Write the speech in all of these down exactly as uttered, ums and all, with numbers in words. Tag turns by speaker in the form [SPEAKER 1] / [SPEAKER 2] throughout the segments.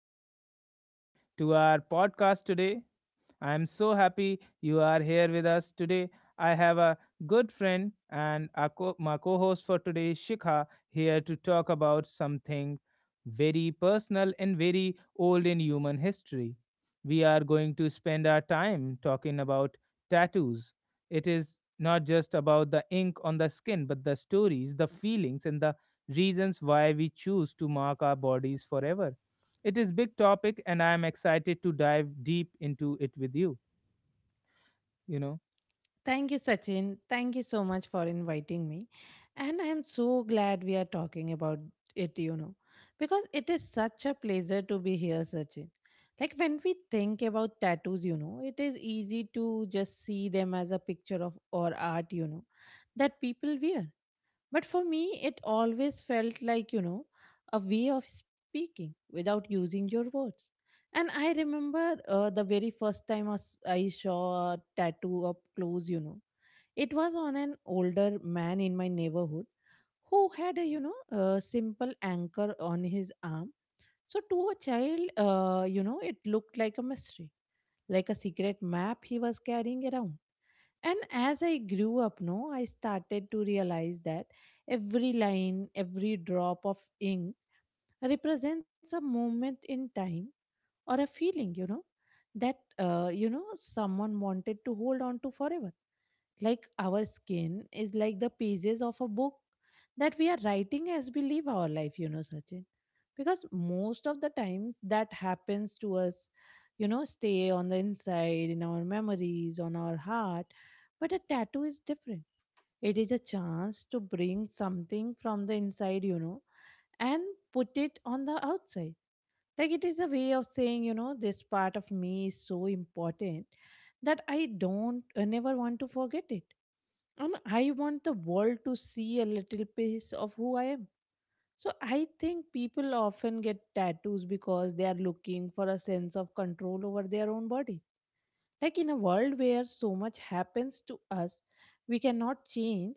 [SPEAKER 1] Hello, everyone, to our podcast today. I am so happy you are here with us today. I have a good friend and a co- my co host for today, Shikha, here to talk about something very personal and very old in human history. We are going to spend our time talking about tattoos. It is not just about the ink on the skin, but the stories, the feelings, and the reasons why we choose to mark our bodies forever. It is big topic and I am excited to dive deep into it with you, you know.
[SPEAKER 2] Thank you, Sachin. Thank you so much for inviting me. And I am so glad we are talking about it, you know, because it is such a pleasure to be here, Sachin. Like when we think about tattoos, you know, it is easy to just see them as a picture of or art, you know, that people wear. But for me, it always felt like, you know, a way of speaking without using your words. And I remember uh, the very first time I s- I saw a tattoo up close, you know it was on an older man in my neighborhood who had a, you know, a simple anchor on his arm. So to a child, uh, you know, it looked like a mystery, like a secret map he was carrying around. And as I grew up, no, I started to realize that every line, every drop of ink represents a moment in time or a feeling, you know, that, uh, you know, someone wanted to hold on to forever, like our skin is like the pages of a book that we are writing as we live our life, you know, Sachin. Because most of the times that happens to us, you know, stay on the inside, in our memories, on our heart. But a tattoo is different. It is a chance to bring something from the inside, you know, and put it on the outside. Like it is a way of saying, you know, this part of me is so important that I don't I never want to forget it. And I want the world to see a little piece of who I am. So I think people often get tattoos because they are looking for a sense of control over their own bodies. Like in a world where so much happens to us, we cannot change.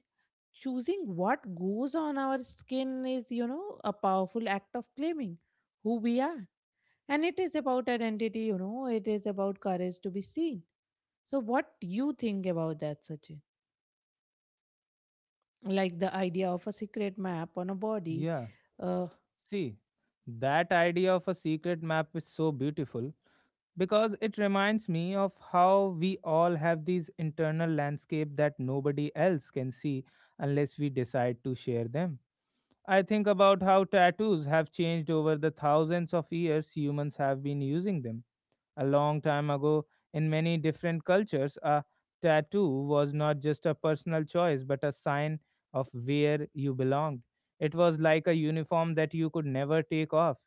[SPEAKER 2] Choosing what goes on our skin is, you know, a powerful act of claiming who we are. And it is about identity, you know, it is about courage to be seen. So, what do you think about that, Sachin? Like the idea of a secret map on a body,
[SPEAKER 1] Yeah.
[SPEAKER 2] uh,
[SPEAKER 1] See, that idea of a secret map is so beautiful because it reminds me of how we all have these internal landscape that nobody else can see unless we decide to share them. I think about how tattoos have changed over the thousands of years humans have been using them. A long time ago, in many different cultures, a tattoo was not just a personal choice but a sign of where you belonged. It was like a uniform that you could never take off.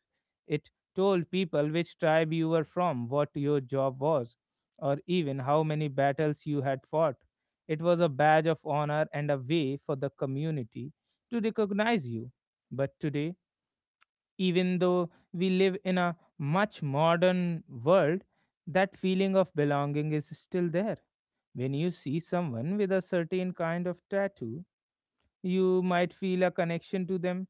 [SPEAKER 1] It told people which tribe you were from, what your job was, or even how many battles you had fought. It was a badge of honor and a way for the community to recognize you. But today, even though we live in a much modern world, that feeling of belonging is still there. When you see someone with a certain kind of tattoo, you might feel a connection to them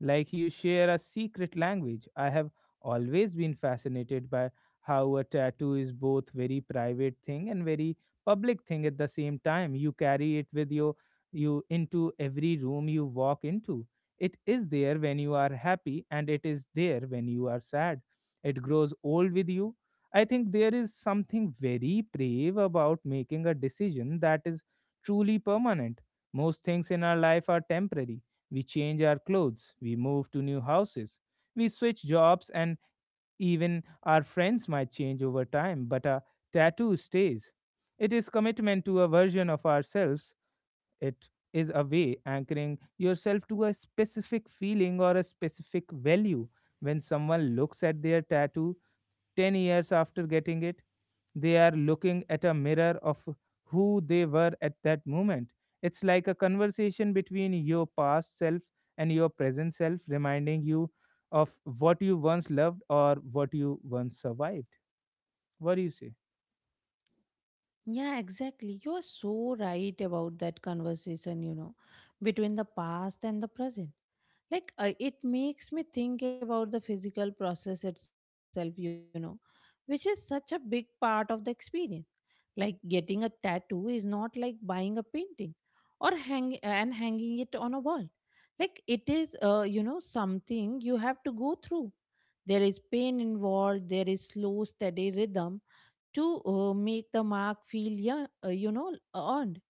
[SPEAKER 1] like you share a secret language. I have always been fascinated by how a tattoo is both very private thing and very public thing at the same time. You carry it with you you into every room you walk into. It is there when you are happy and it is there when you are sad. It grows old with you. I think there is something very brave about making a decision that is truly permanent. Most things in our life are temporary. We change our clothes, we move to new houses, we switch jobs, and even our friends might change over time, but a tattoo stays. It is commitment to a version of ourselves. It is a way anchoring yourself to a specific feeling or a specific value. When someone looks at their tattoo ten years after getting it, they are looking at a mirror of who they were at that moment. It's like a conversation between your past self and your present self, reminding you of what you once loved or what you once survived. What do you say?
[SPEAKER 2] yeah, exactly. You're so right about that conversation, you know, between the past and the present. Like, uh, it makes me think about the physical process itself, you know, which is such a big part of the experience. Like, getting a tattoo is not like buying a painting or hang and hanging it on a wall. Like, it is, uh, you know, something you have to go through. There is pain involved, there is slow, steady rhythm to uh, make the mark feel, yeah, uh, you know, earned.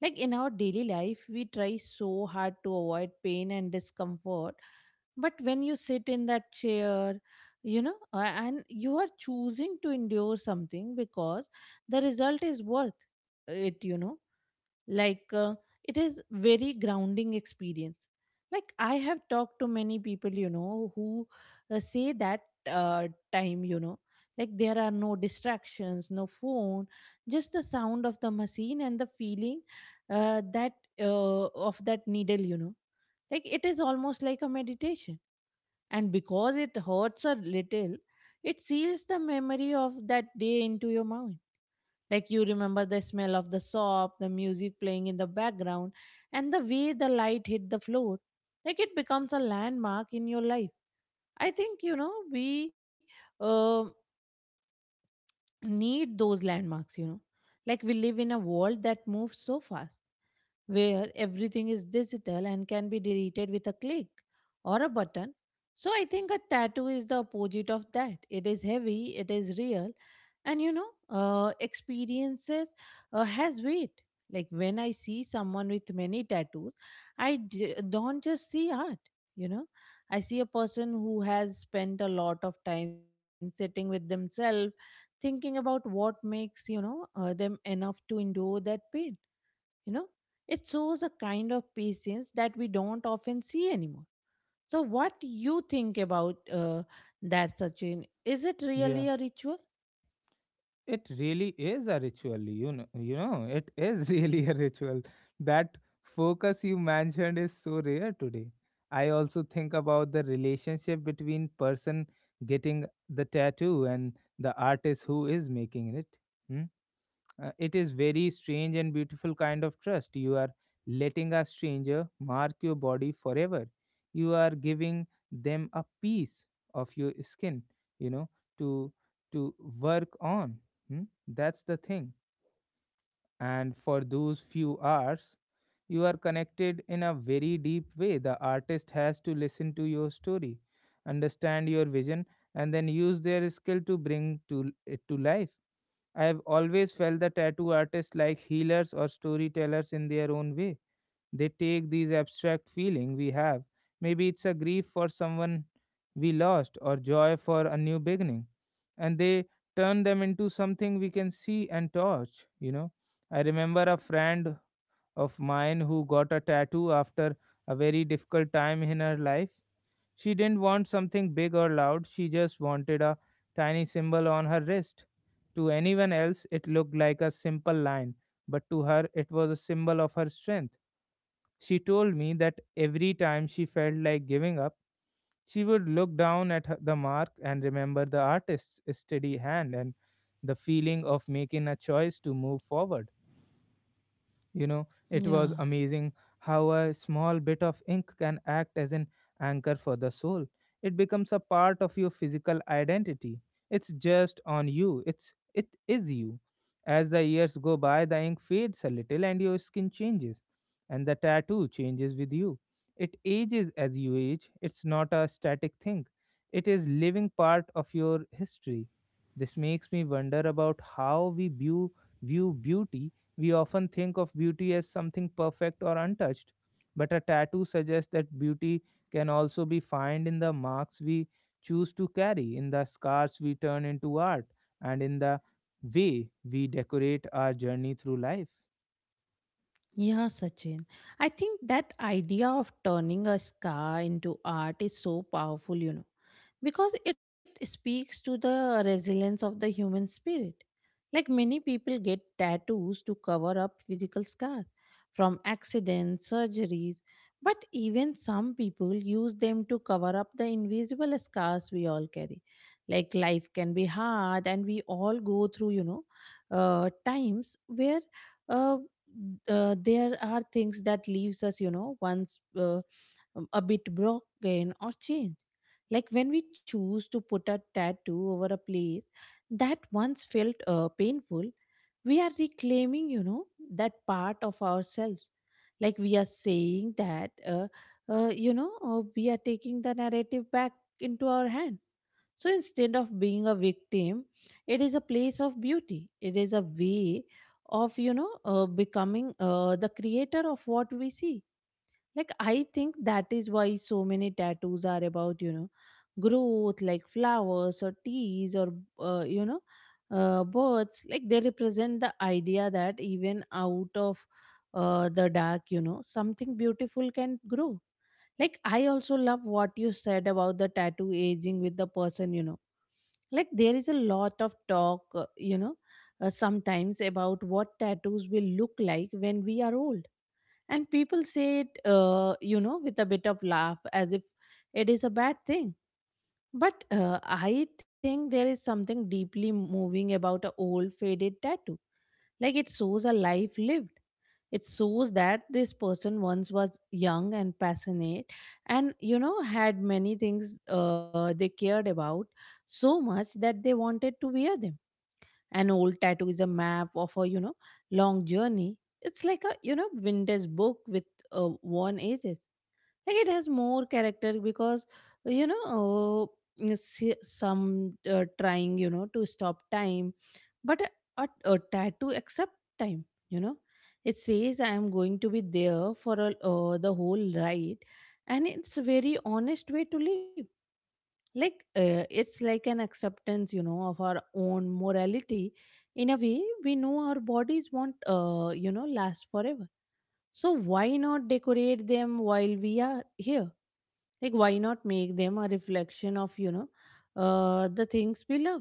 [SPEAKER 2] Like in our daily life we try so hard to avoid pain and discomfort, but when you sit in that chair, you know, uh, and you are choosing to endure something because the result is worth it, you know. like uh, it is very grounding experience. Like I have talked to many people, you know, who uh, say that, uh, time, you know, like there are no distractions, no phone, just the sound of the machine and the feeling, uh, that uh, of that needle, you know. Like it is almost like a meditation, and because it hurts a little, it seals the memory of that day into your mind. Like you remember the smell of the soap, the music playing in the background, and the way the light hit the floor. Like it becomes a landmark in your life. I think, you know, we um need those landmarks, you know. Like we live in a world that moves so fast, where everything is digital and can be deleted with a click or a button. So I think a tattoo is the opposite of that. It is heavy, it is real, and you know, uh, experiences uh, has weight. Like when I see someone with many tattoos, I j- don't just see art. You know, I see a person who has spent a lot of time sitting with themselves thinking about what makes, you know, uh, them enough to endure that pain, you know. It shows a kind of patience that we don't often see anymore. So what you think about, uh, that, Sachin? Is it
[SPEAKER 1] Yeah.
[SPEAKER 2] really a ritual?
[SPEAKER 1] It really is a ritual you know you know it is really a ritual. That focus you mentioned is so rare today. I also think about the relationship between person getting the tattoo and the artist who is making it. Hmm? Uh, it is very strange and beautiful kind of trust. You are letting a stranger mark your body forever. You are giving them a piece of your skin, you know, to to work on. Hmm? That's the thing. And for those few hours, you are connected in a very deep way. The artist has to listen to your story, understand your vision, and then use their skill to bring to it to life. I have always felt the tattoo artists like healers or storytellers in their own way. They take these abstract feeling we have. Maybe it's a grief for someone we lost or joy for a new beginning. And they turn them into something we can see and touch, you know. I remember a friend of mine who got a tattoo after a very difficult time in her life. She didn't want something big or loud, she just wanted a tiny symbol on her wrist. To anyone else, it looked like a simple line, but to her, it was a symbol of her strength. She told me that every time she felt like giving up, she would look down at her- the mark and remember the artist's steady hand and the feeling of making a choice to move forward. You know, it was
[SPEAKER 2] Yeah.
[SPEAKER 1] amazing how a small bit of ink can act as an anchor for the soul. It becomes a part of your physical identity. It's just on you. It's it is you. As the years go by, the ink fades a little and your skin changes and the tattoo changes with you. It ages as you age. It's not a static thing. It is living part of your history. This makes me wonder about how we view view beauty. We often think of beauty as something perfect or untouched, but a tattoo suggests that beauty can also be found in the marks we choose to carry, in the scars we turn into art, and in the way we decorate our journey through life.
[SPEAKER 2] Yeah, Sachin. I think that idea of turning a scar into art is so powerful, you know, because it speaks to the resilience of the human spirit. Like many people get tattoos to cover up physical scars from accidents, surgeries, but even some people use them to cover up the invisible scars we all carry. Like life can be hard, and we all go through, you know, uh, times where uh, uh, there are things that leaves us, you know, once, uh, um, a bit broken or changed. Like when we choose to put a tattoo over a place that once felt, uh, painful, we are reclaiming, you know, that part of ourselves. Like we are saying that, uh, uh, you know, uh, we are taking the narrative back into our hand. So instead of being a victim, it is a place of beauty. It is a way of, you know, uh, becoming, uh, the creator of what we see. Like, I think that is why so many tattoos are about, you know, growth, like flowers or teas or, uh, you know, uh, birds. Like, they represent the idea that even out of, uh, the dark, you know, something beautiful can grow. Like I also love what you said about the tattoo aging with the person, you know. Like there is a lot of talk, uh, you know, uh, sometimes about what tattoos will look like when we are old, and people say it, uh, you know, with a bit of laugh as if it is a bad thing. But uh, I think there is something deeply moving about a old faded tattoo. Like it shows a life lived, it shows that this person once was young and passionate, and you know, had many things, uh, they cared about so much that they wanted to wear them. An old tattoo is a map of a, you know, long journey. It's like a, you know, vintage book with, uh, worn edges. Like it has more character because, you know, uh, you some, uh, trying, you know, to stop time. But a, a, a tattoo accept time, you know. It says I am going to be there for a, uh, the whole ride. And it's a very honest way to live. Like, uh, it's like an acceptance, you know, of our own morality, in a way. We know our bodies won't, uh, you know, last forever. So why not decorate them while we are here? Like why not make them a reflection of, you know, uh, the things we love?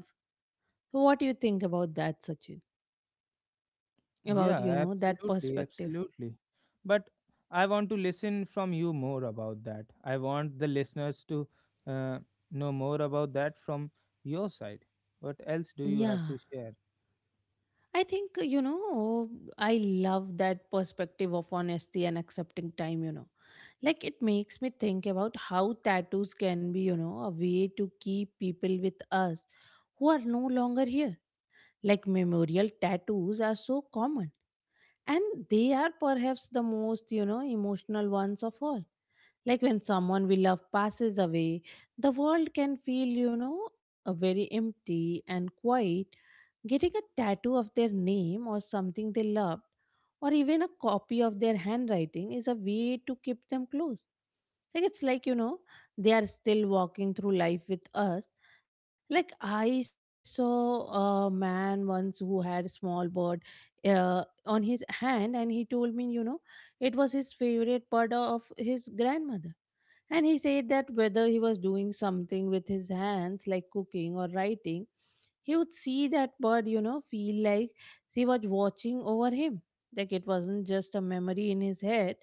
[SPEAKER 2] So what do you think about that, Sachin, about, you
[SPEAKER 1] Yeah,
[SPEAKER 2] know, that
[SPEAKER 1] absolutely,
[SPEAKER 2] perspective?
[SPEAKER 1] absolutely. But I want to listen from you more about that. I want the listeners to uh, know more about that from your side. What else do you have to
[SPEAKER 2] Yeah,
[SPEAKER 1] share?
[SPEAKER 2] I think, you know, I love that perspective of honesty and accepting time, you know. Like it makes me think about how tattoos can be, you know, a way to keep people with us who are no longer here. Like memorial tattoos are so common, and they are perhaps the most, you know, emotional ones of all. Like when someone we love passes away, the world can feel, you know, a very empty and quiet. Getting a tattoo of their name or something they loved, or even a copy of their handwriting, is a way to keep them close. Like it's like, you know, they are still walking through life with us. Like I saw a man once who had a small bird, uh, on his hand, and he told me, you know, it was his favorite bird of his grandmother, and he said that whether he was doing something with his hands, like cooking or writing, he would see that bird, you know, feel like she was watching over him. Like it wasn't just a memory in his head,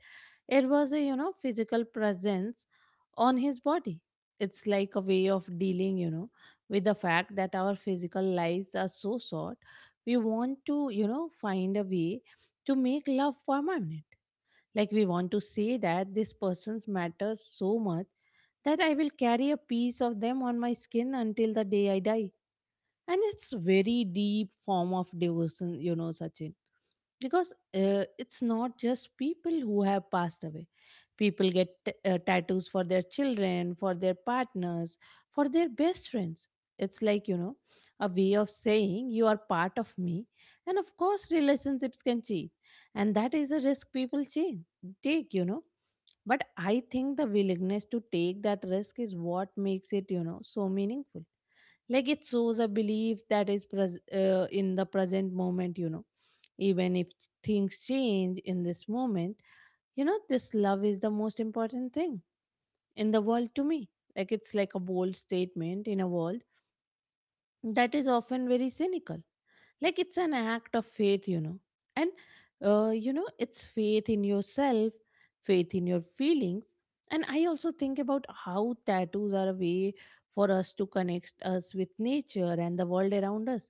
[SPEAKER 2] it was a, you know, physical presence on his body. It's like a way of dealing, you know, with the fact that our physical lives are so short. We want to, you know, find a way to make love permanent. Like we want to say that this person's matters so much that I will carry a piece of them on my skin until the day I die. And it's very deep form of devotion, you know, Sachin. Because uh, it's not just people who have passed away. People get t- uh, tattoos for their children, for their partners, for their best friends. It's like, you know, a way of saying you are part of me. And of course, relationships can change. And that is a risk people change, take, you know. But I think the willingness to take that risk is what makes it, you know, so meaningful. Like it shows a belief that is pres- uh, in the present moment, you know, even if things change in this moment, you know, this love is the most important thing in the world to me. Like, it's like a bold statement in a world that is often very cynical. Like, it's an act of faith, you know. And, uh, you know, it's faith in yourself, faith in your feelings. And I also think about how tattoos are a way for us to connect us with nature and the world around us,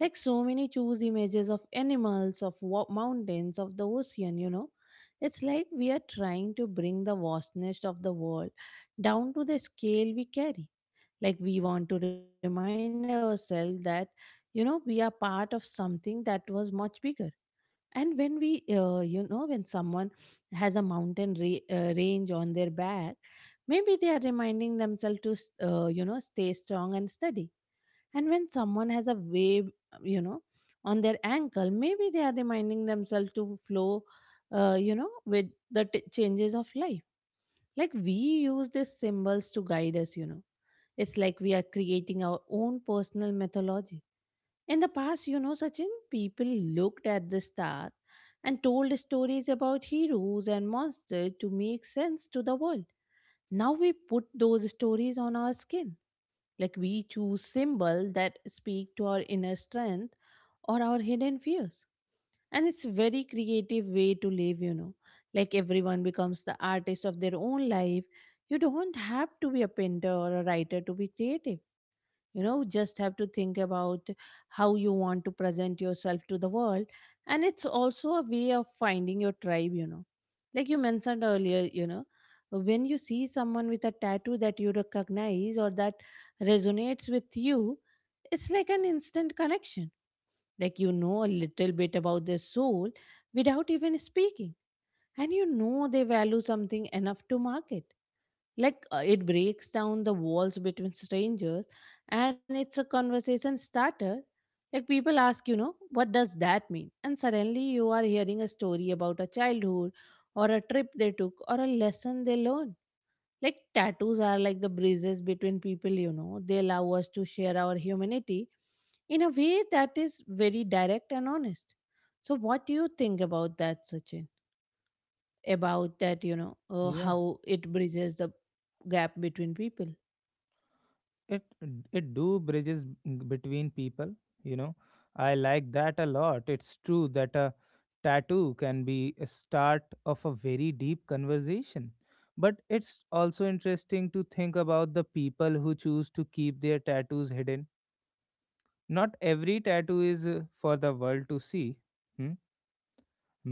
[SPEAKER 2] like so many choose images of animals, of wa- mountains, of the ocean, you know. It's like we are trying to bring the vastness of the world down to the scale we carry. Like we want to remind ourselves that, you know, we are part of something that was much bigger. And when we, uh, you know, when someone has a mountain re- uh, range on their back, maybe they are reminding themselves to, s- uh, you know, stay strong and steady, and when someone has a wave, you know, on their ankle, maybe they are reminding themselves to flow, uh, you know, with the t- changes of life. Like we use these symbols to guide us, you know. It's like we are creating our own personal mythology. In the past, you know, Sachin, people looked at the stars and told stories about heroes and monsters to make sense to the world. Now we put those stories on our skin, like we choose symbol that speak to our inner strength or our hidden fears. And it's very creative way to live, you know. Like everyone becomes the artist of their own life. You don't have to be a painter or a writer to be creative, you know, just have to think about how you want to present yourself to the world. And it's also a way of finding your tribe, you know, like you mentioned earlier, you know, when you see someone with a tattoo that you recognize or that resonates with you, it's like an instant connection. Like you know a little bit about their soul without even speaking, and you know they value something enough to market. Like uh, it breaks down the walls between strangers, and it's a conversation starter. Like people ask, you know, what does that mean, and suddenly you are hearing a story about a childhood or a trip they took or a lesson they learned. Like tattoos are like the bridges between people, you know, they allow us to share our humanity in a way that is very direct and honest. So what do you think about that, Sachin, about that, you know, uh,
[SPEAKER 1] Yeah.
[SPEAKER 2] how it bridges the gap between people.
[SPEAKER 1] it it do bridges between people you know i like that a lot. It's true that a tattoo can be a start of a very deep conversation, but it's also interesting to think about the people who choose to keep their tattoos hidden. Not every tattoo is uh, for the world to see. Hmm?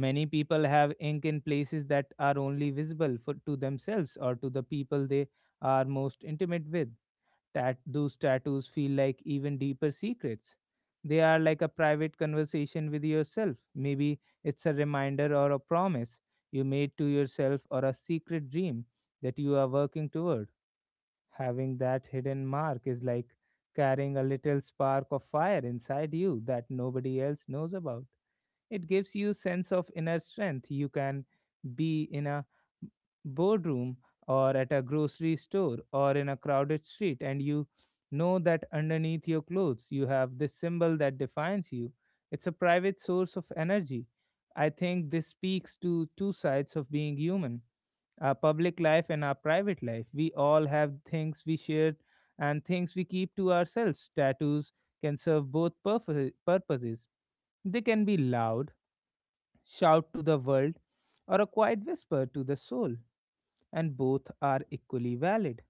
[SPEAKER 1] Many people have ink in places that are only visible for, to themselves or to the people they are most intimate with. Tat- those tattoos feel like even deeper secrets. They are like a private conversation with yourself. Maybe it's a reminder or a promise you made to yourself or a secret dream that you are working toward. Having that hidden mark is like carrying a little spark of fire inside you that nobody else knows about. It gives you sense of inner strength. You can be in a boardroom or at a grocery store or in a crowded street and you know that underneath your clothes you have this symbol that defines you. It's a private source of energy. I think this speaks to two sides of being human. Our public life and our private life, we all have things we share and things we keep to ourselves. Tattoos can serve both purfo- purposes. They can be loud, shout to the world, or a quiet whisper to the soul, and both are equally valid.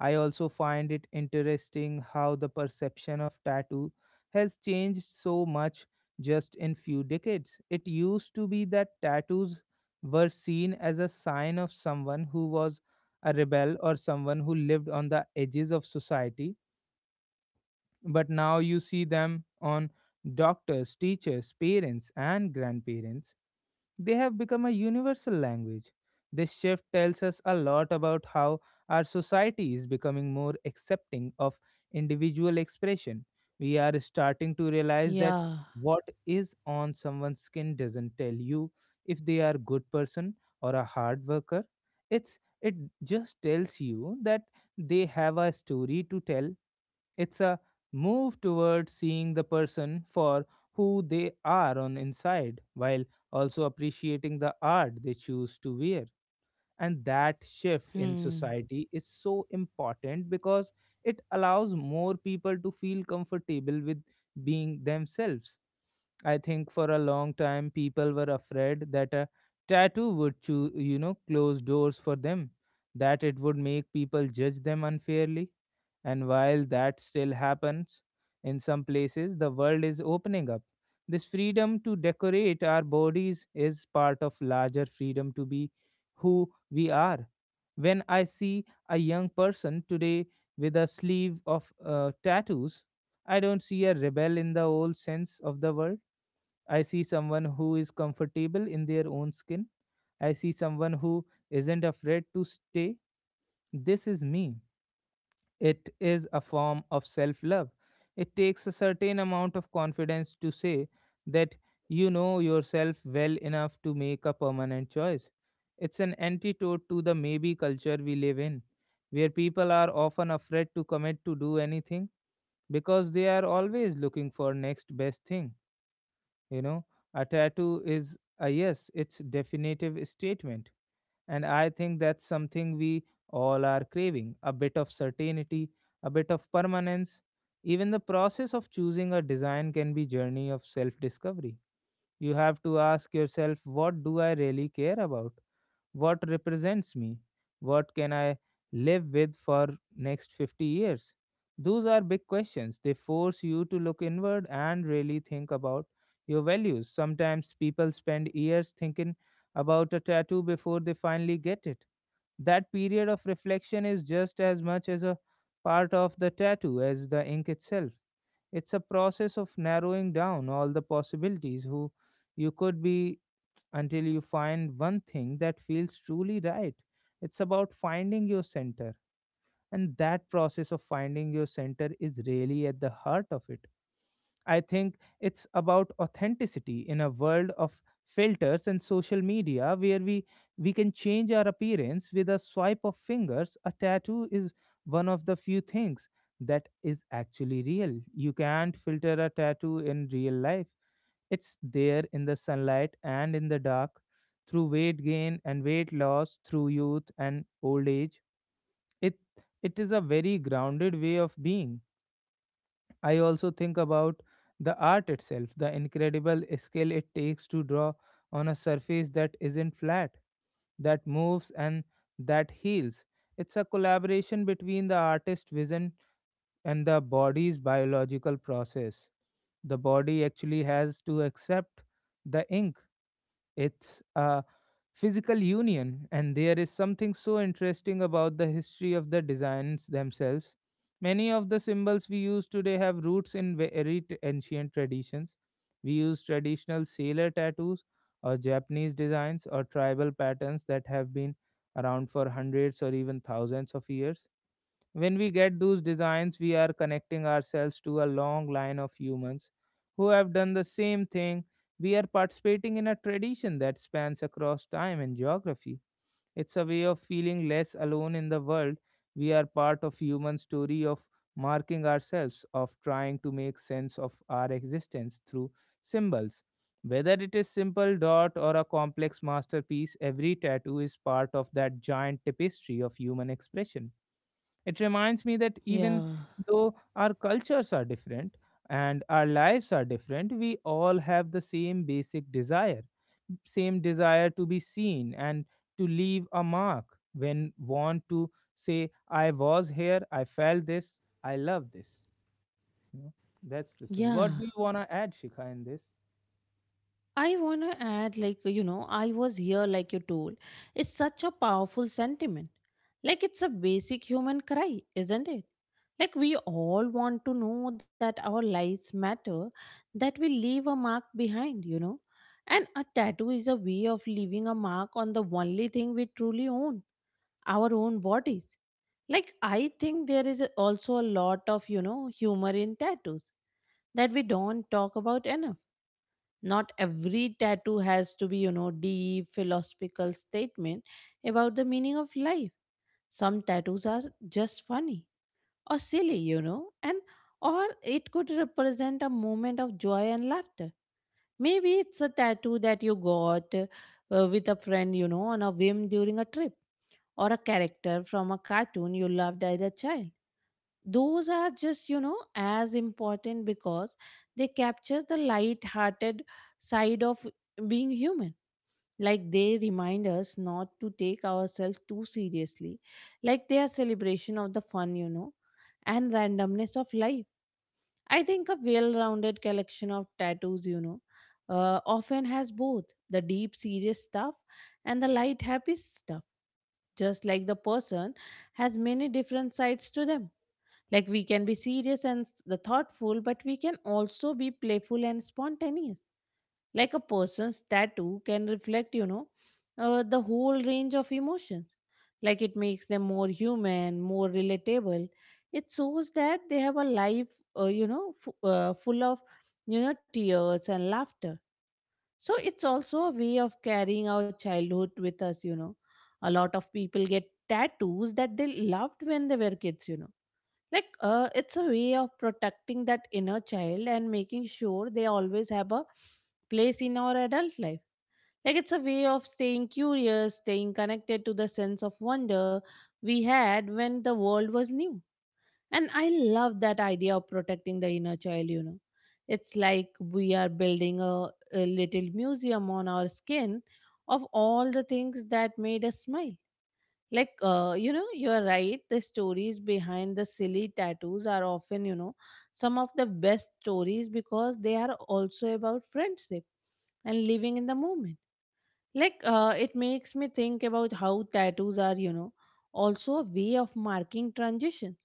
[SPEAKER 1] I also find it interesting how the perception of tattoo has changed so much just in few decades. It used to be that tattoos were seen as a sign of someone who was a rebel or someone who lived on the edges of society, but now you see them on doctors, teachers, parents, and grandparents. They have become a universal language. This shift tells us a lot about how our society is becoming more accepting of individual expression. We are starting to realize that
[SPEAKER 2] Yeah.
[SPEAKER 1] what is on someone's skin doesn't tell you if they are a good person or a hard worker. It's it just tells you that they have a story to tell. It's a move toward seeing the person for who they are on inside while also appreciating the art they choose to wear. And that shift in
[SPEAKER 2] Hmm.
[SPEAKER 1] society is so important because it allows more people to feel comfortable with being themselves. I think for a long time people were afraid that a tattoo would choo- you know close doors for them, that it would make people judge them unfairly. And while that still happens in some places, the world is opening up. This freedom to decorate our bodies is part of larger freedom to be who we are. When I see a young person today with a sleeve of uh, tattoos, I don't see a rebel in the old sense of the word. I see someone who is comfortable in their own skin. I see someone who isn't afraid to stay. This is me. It is a form of self love. It takes a certain amount of confidence to say that you know yourself well enough to make a permanent choice. It's an antidote to the maybe culture we live in, where people are often afraid to commit to do anything because they are always looking for next best thing you know a tattoo is a yes, it's definitive statement, and I think that's something we all are craving a bit of certainty, a bit of permanence. Even the process of choosing a design can be journey of self discovery. You have to ask yourself, what do I really care about? What represents me? What can I live with for next fifty years? Those are big questions. They force you to look inward and really think about your values. Sometimes people spend years thinking about a tattoo before they finally get it. That period of reflection is just as much as a part of the tattoo as the ink itself. It's a process of narrowing down all the possibilities who you could be until you find one thing that feels truly right. It's about finding your center. And that process of finding your center is really at the heart of it. I think it's about authenticity in a world of filters and social media where we we can change our appearance with a swipe of fingers. A tattoo is one of the few things that is actually real. You can't filter a tattoo in real life. It's there in the sunlight and in the dark, through weight gain and weight loss, through youth and old age. It it is a very grounded way of being. I also think about the art itself, the incredible skill it takes to draw on a surface that isn't flat, that moves and that heals. It's a collaboration between the artist's vision and the body's biological process. The body actually has to accept the ink. It's a physical union, and there is something so interesting about the history of the designs themselves. Many of the symbols we use today have roots in very t- ancient traditions. We use traditional sailor tattoos or Japanese designs or tribal patterns that have been around for hundreds or even thousands of years. When we get those designs, we are connecting ourselves to a long line of humans who have done the same thing. We are participating in a tradition that spans across time and geography. It's a way of feeling less alone in the world. We are part of human story of marking ourselves, of trying to make sense of our existence through symbols. Whether it is simple dot or a complex masterpiece, every tattoo is part of that giant tapestry of human expression. It reminds me that even
[SPEAKER 2] Yeah.
[SPEAKER 1] though our cultures are different and our lives are different, we all have the same basic desire, same desire to be seen and to leave a mark when want to say, I was here, I felt this, I love this. You know, that's the
[SPEAKER 2] Yeah.
[SPEAKER 1] thing. What do you want to add, Shikha, in this?
[SPEAKER 2] I want to add, like, you know, I was here, like you told. It's such a powerful sentiment. Like, it's a basic human cry, isn't it? Like, we all want to know that our lives matter, that we leave a mark behind, you know? And a tattoo is a way of leaving a mark on the only thing we truly own, our own bodies. Like, I think there is also a lot of, you know, humor in tattoos that we don't talk about enough. Not every tattoo has to be, you know, deep philosophical statement about the meaning of life. Some tattoos are just funny or silly, you know, and or it could represent a moment of joy and laughter. Maybe it's a tattoo that you got uh, with a friend, you know, on a whim during a trip, or a character from a cartoon you loved as a child. Those are just, you know, as important because they capture the light-hearted side of being human. Like they remind us not to take ourselves too seriously. Like they are celebration of the fun, you know, and randomness of life. I think a well-rounded collection of tattoos, you know, uh, often has both the deep serious stuff and the light happy stuff, just like the person has many different sides to them. Like we can be serious and s- the thoughtful, but we can also be playful and spontaneous. Like a person's tattoo can reflect, you know, uh, the whole range of emotions. Like it makes them more human, more relatable. It shows that they have a life, uh, you know, f- uh, full of, you know, tears and laughter. So it's also a way of carrying our childhood with us, you know. A lot of people get tattoos that they loved when they were kids, you know, like uh, it's a way of protecting that inner child and making sure they always have a place in our adult life. Like it's a way of staying curious, staying connected to the sense of wonder we had when the world was new. And I love that idea of protecting the inner child, you know. It's like we are building a, a little museum on our skin of all the things that made us smile. Like uh, you know, you're right, the stories behind the silly tattoos are often, you know, some of the best stories because they are also about friendship and living in the moment. Like uh, it makes me think about how tattoos are, you know, also a way of marking transition.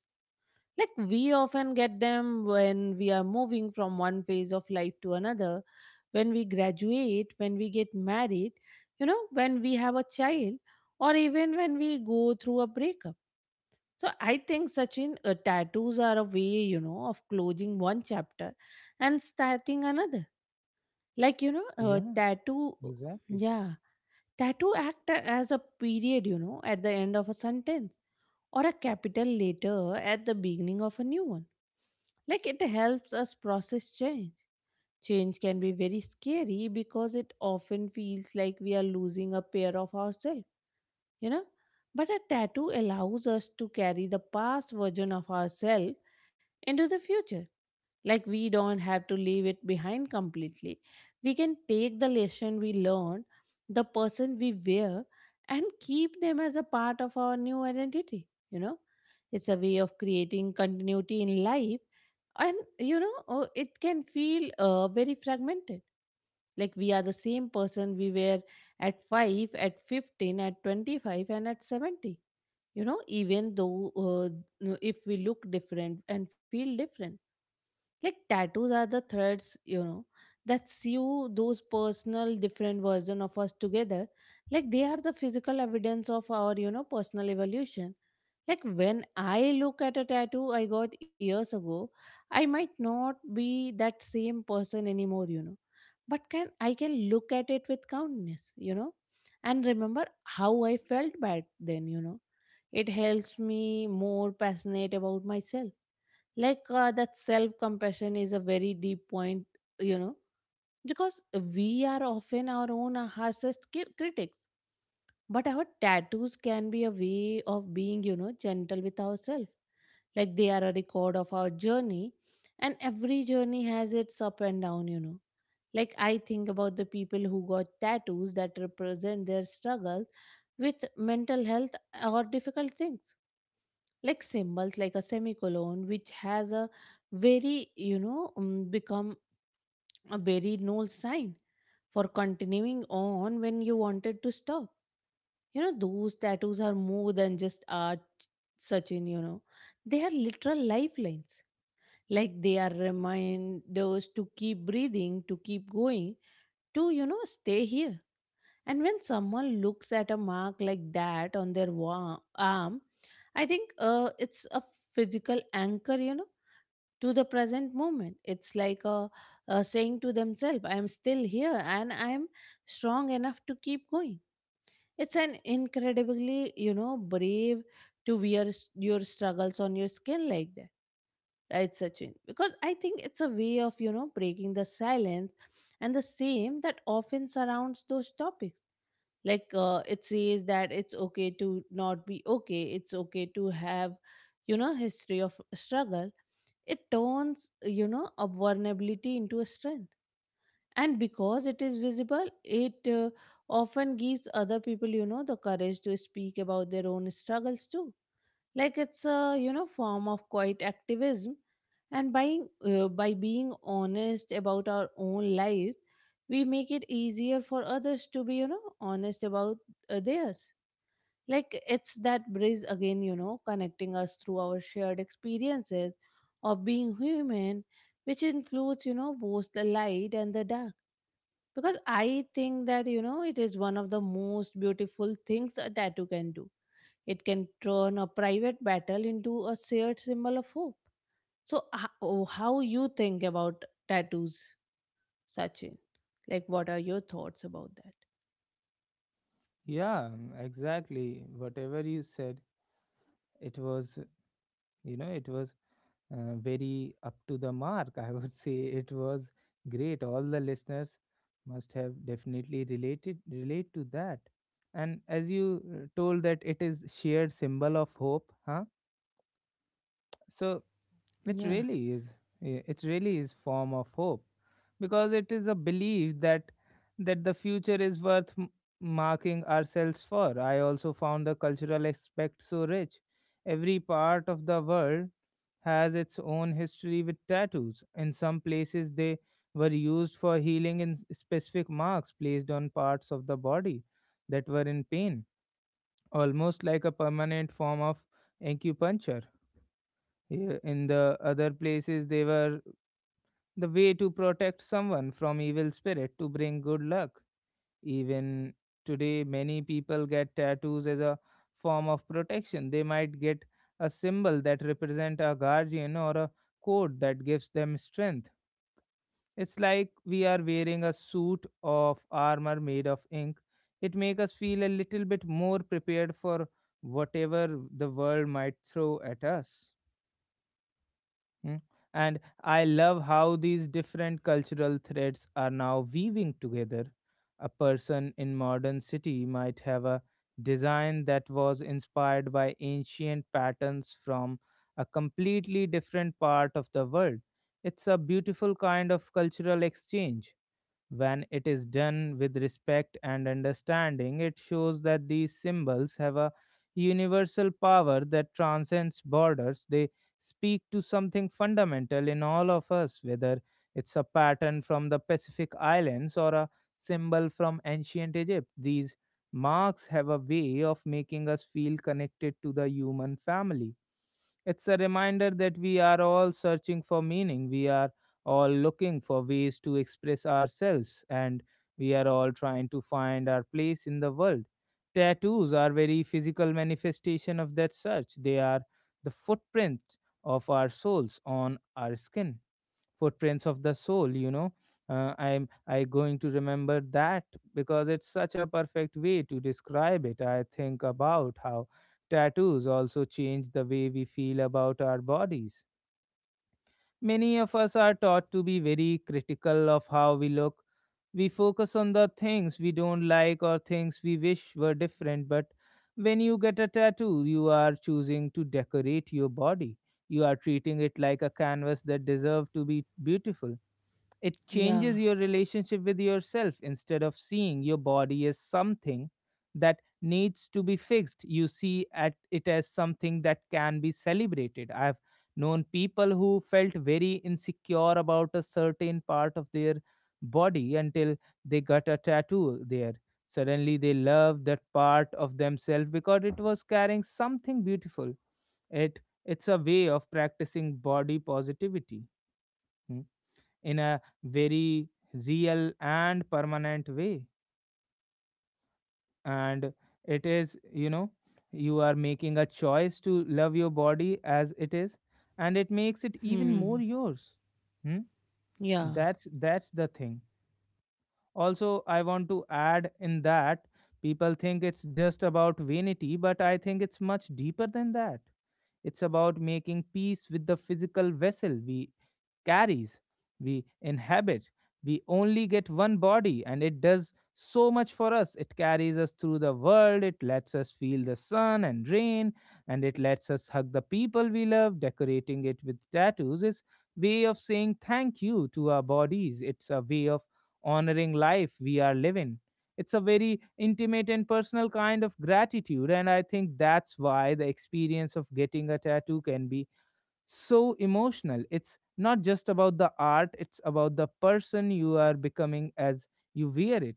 [SPEAKER 2] Like we often get them when we are moving from one phase of life to another, when we graduate, when we get married, you know, when we have a child, or even when we go through a breakup. So I think, Sachin, uh, tattoos are a way, you know, of closing one chapter and starting another. Like, you know, uh,
[SPEAKER 1] Yeah,
[SPEAKER 2] tattoo,
[SPEAKER 1] exactly.
[SPEAKER 2] yeah, tattoo act a- as a period, you know, at the end of a sentence or a capital letter at the beginning of a new one. Like it helps us process change. Change can be very scary because it often feels like we are losing a pair of ourselves, you know. But a tattoo allows us to carry the past version of ourselves into the future. Like we don't have to leave it behind completely. We can take the lesson we learned, the person we were, and keep them as a part of our new identity. You know, it's a way of creating continuity in life, and you know, uh, it can feel uh, very fragmented. Like we are the same person we were at five, at fifteen, at twenty-five, and at seventy. You know, even though uh, if we look different and feel different, like tattoos are the threads, you know, that sew those personal different version of us together. Like they are the physical evidence of our, you know, personal evolution. Like when I look at a tattoo I got years ago, I might not be that same person anymore, you know, but can i can look at it with kindness, you know, and remember how I felt back then, you know. It helps me more passionate about myself. Like uh, that self compassion is a very deep point, you know, because we are often our own harshest ki- critics. But our tattoos can be a way of being, you know, gentle with ourselves. Like they are a record of our journey, and every journey has its up and down, you know. Like I think about the people who got tattoos that represent their struggle with mental health or difficult things. Like symbols like a semicolon, which has a very, you know, um, become a very null sign for continuing on when you wanted to stop. You know, those tattoos are more than just art, Sachin, you know, they are literal lifelines. Like they are reminders to keep breathing, to keep going, to, you know, stay here. And when someone looks at a mark like that on their wa- arm, I think uh, it's a physical anchor, you know, to the present moment. It's like a, a saying to themselves, I am still here and I am strong enough to keep going. It's an incredibly, you know, brave to wear s- your struggles on your skin like that, right, Sachin? Because I think it's a way of you know breaking the silence and the shame that often surrounds those topics. Like, uh, it says that it's okay to not be okay. It's okay to have, you know history of struggle. It turns, you know a vulnerability into a strength, and because it is visible, it uh, often gives other people, you know the courage to speak about their own struggles too. Like, it's a, you know form of quiet activism. And by uh, by being honest about our own lives, we make it easier for others to be, you know honest about uh, theirs. Like it's that bridge again, you know connecting us through our shared experiences of being human, which includes, you know both the light and the dark. Because I think that, you know it is one of the most beautiful things a tattoo can do. It can turn a private battle into a shared symbol of hope. So, h- oh, how you think about tattoos, Sachin? Like, what are your thoughts about that?
[SPEAKER 1] Yeah, exactly. Whatever you said, it was, you know, it was uh, very up to the mark. I would say it was great. All the listeners must have definitely related relate to that. And as you uh, told that it is shared symbol of hope, huh? So it
[SPEAKER 2] Yeah,
[SPEAKER 1] really is. eh, It really is form of hope because it is a belief that that the future is worth m- marking ourselves for. I also found the cultural aspect so rich. Every part of the world has its own history with tattoos. In some places, they were used for healing in s- specific marks placed on parts of the body that were in pain, almost like a permanent form of acupuncture. Yeah. In the other places, they were the way to protect someone from evil spirit to bring good luck. Even today, many people get tattoos as a form of protection. They might get a symbol that represents a guardian or a coat that gives them strength. It's like we are wearing a suit of armor made of ink. It makes us feel a little bit more prepared for whatever the world might throw at us. Mm. And I love how these different cultural threads are now weaving together. A person in modern city might have a design that was inspired by ancient patterns from a completely different part of the world. It's a beautiful kind of cultural exchange. When it is done with respect and understanding, it shows that these symbols have a universal power that transcends borders. They speak to something fundamental in all of us, whether it's a pattern from the Pacific Islands or a symbol from ancient Egypt. These marks have a way of making us feel connected to the human family. It's a reminder that we are all searching for meaning. We are all looking for ways to express ourselves, and we are all trying to find our place in the world. Tattoos are very physical manifestation of that search. They are the footprint of our souls on our skin, footprints of the soul. You know, uh, I'm I going to remember that because it's such a perfect way to describe it. I think about how tattoos also change the way we feel about our bodies. Many of us are taught to be very critical of how we look. We focus on the things we don't like or things we wish were different, but when you get a tattoo, you are choosing to decorate your body. You are treating it like a canvas that deserves to be beautiful. It
[SPEAKER 2] yeah,
[SPEAKER 1] changes your relationship with yourself. Instead of seeing your body as something that needs to be fixed, you see at it as something that can be celebrated. I've known people who felt very insecure about a certain part of their body until they got a tattoo there. Suddenly, they loved that part of themselves because it was carrying something beautiful. It it's a way of practicing body positivity. Hmm, in a very real and permanent way, and it is, you know, you are making a choice to love your body as it is, and it makes it even more
[SPEAKER 2] hmm,
[SPEAKER 1] yours. Hmm?
[SPEAKER 2] yeah,
[SPEAKER 1] that's that's the thing. Also I want to add in that people think it's just about vanity, but I think it's much deeper than that. It's about making peace with the physical vessel we carries, we inhabit. We only get one body, and it does so much for us. It carries us through the world, it lets us feel the sun and rain, and it lets us hug the people we love. Decorating it with tattoos is way of saying thank you to our bodies. It's a way of honoring life we are living. It's a very intimate and personal kind of gratitude, and I think that's why the experience of getting a tattoo can be so emotional. It's not just about the art, it's about the person you are becoming as you wear it.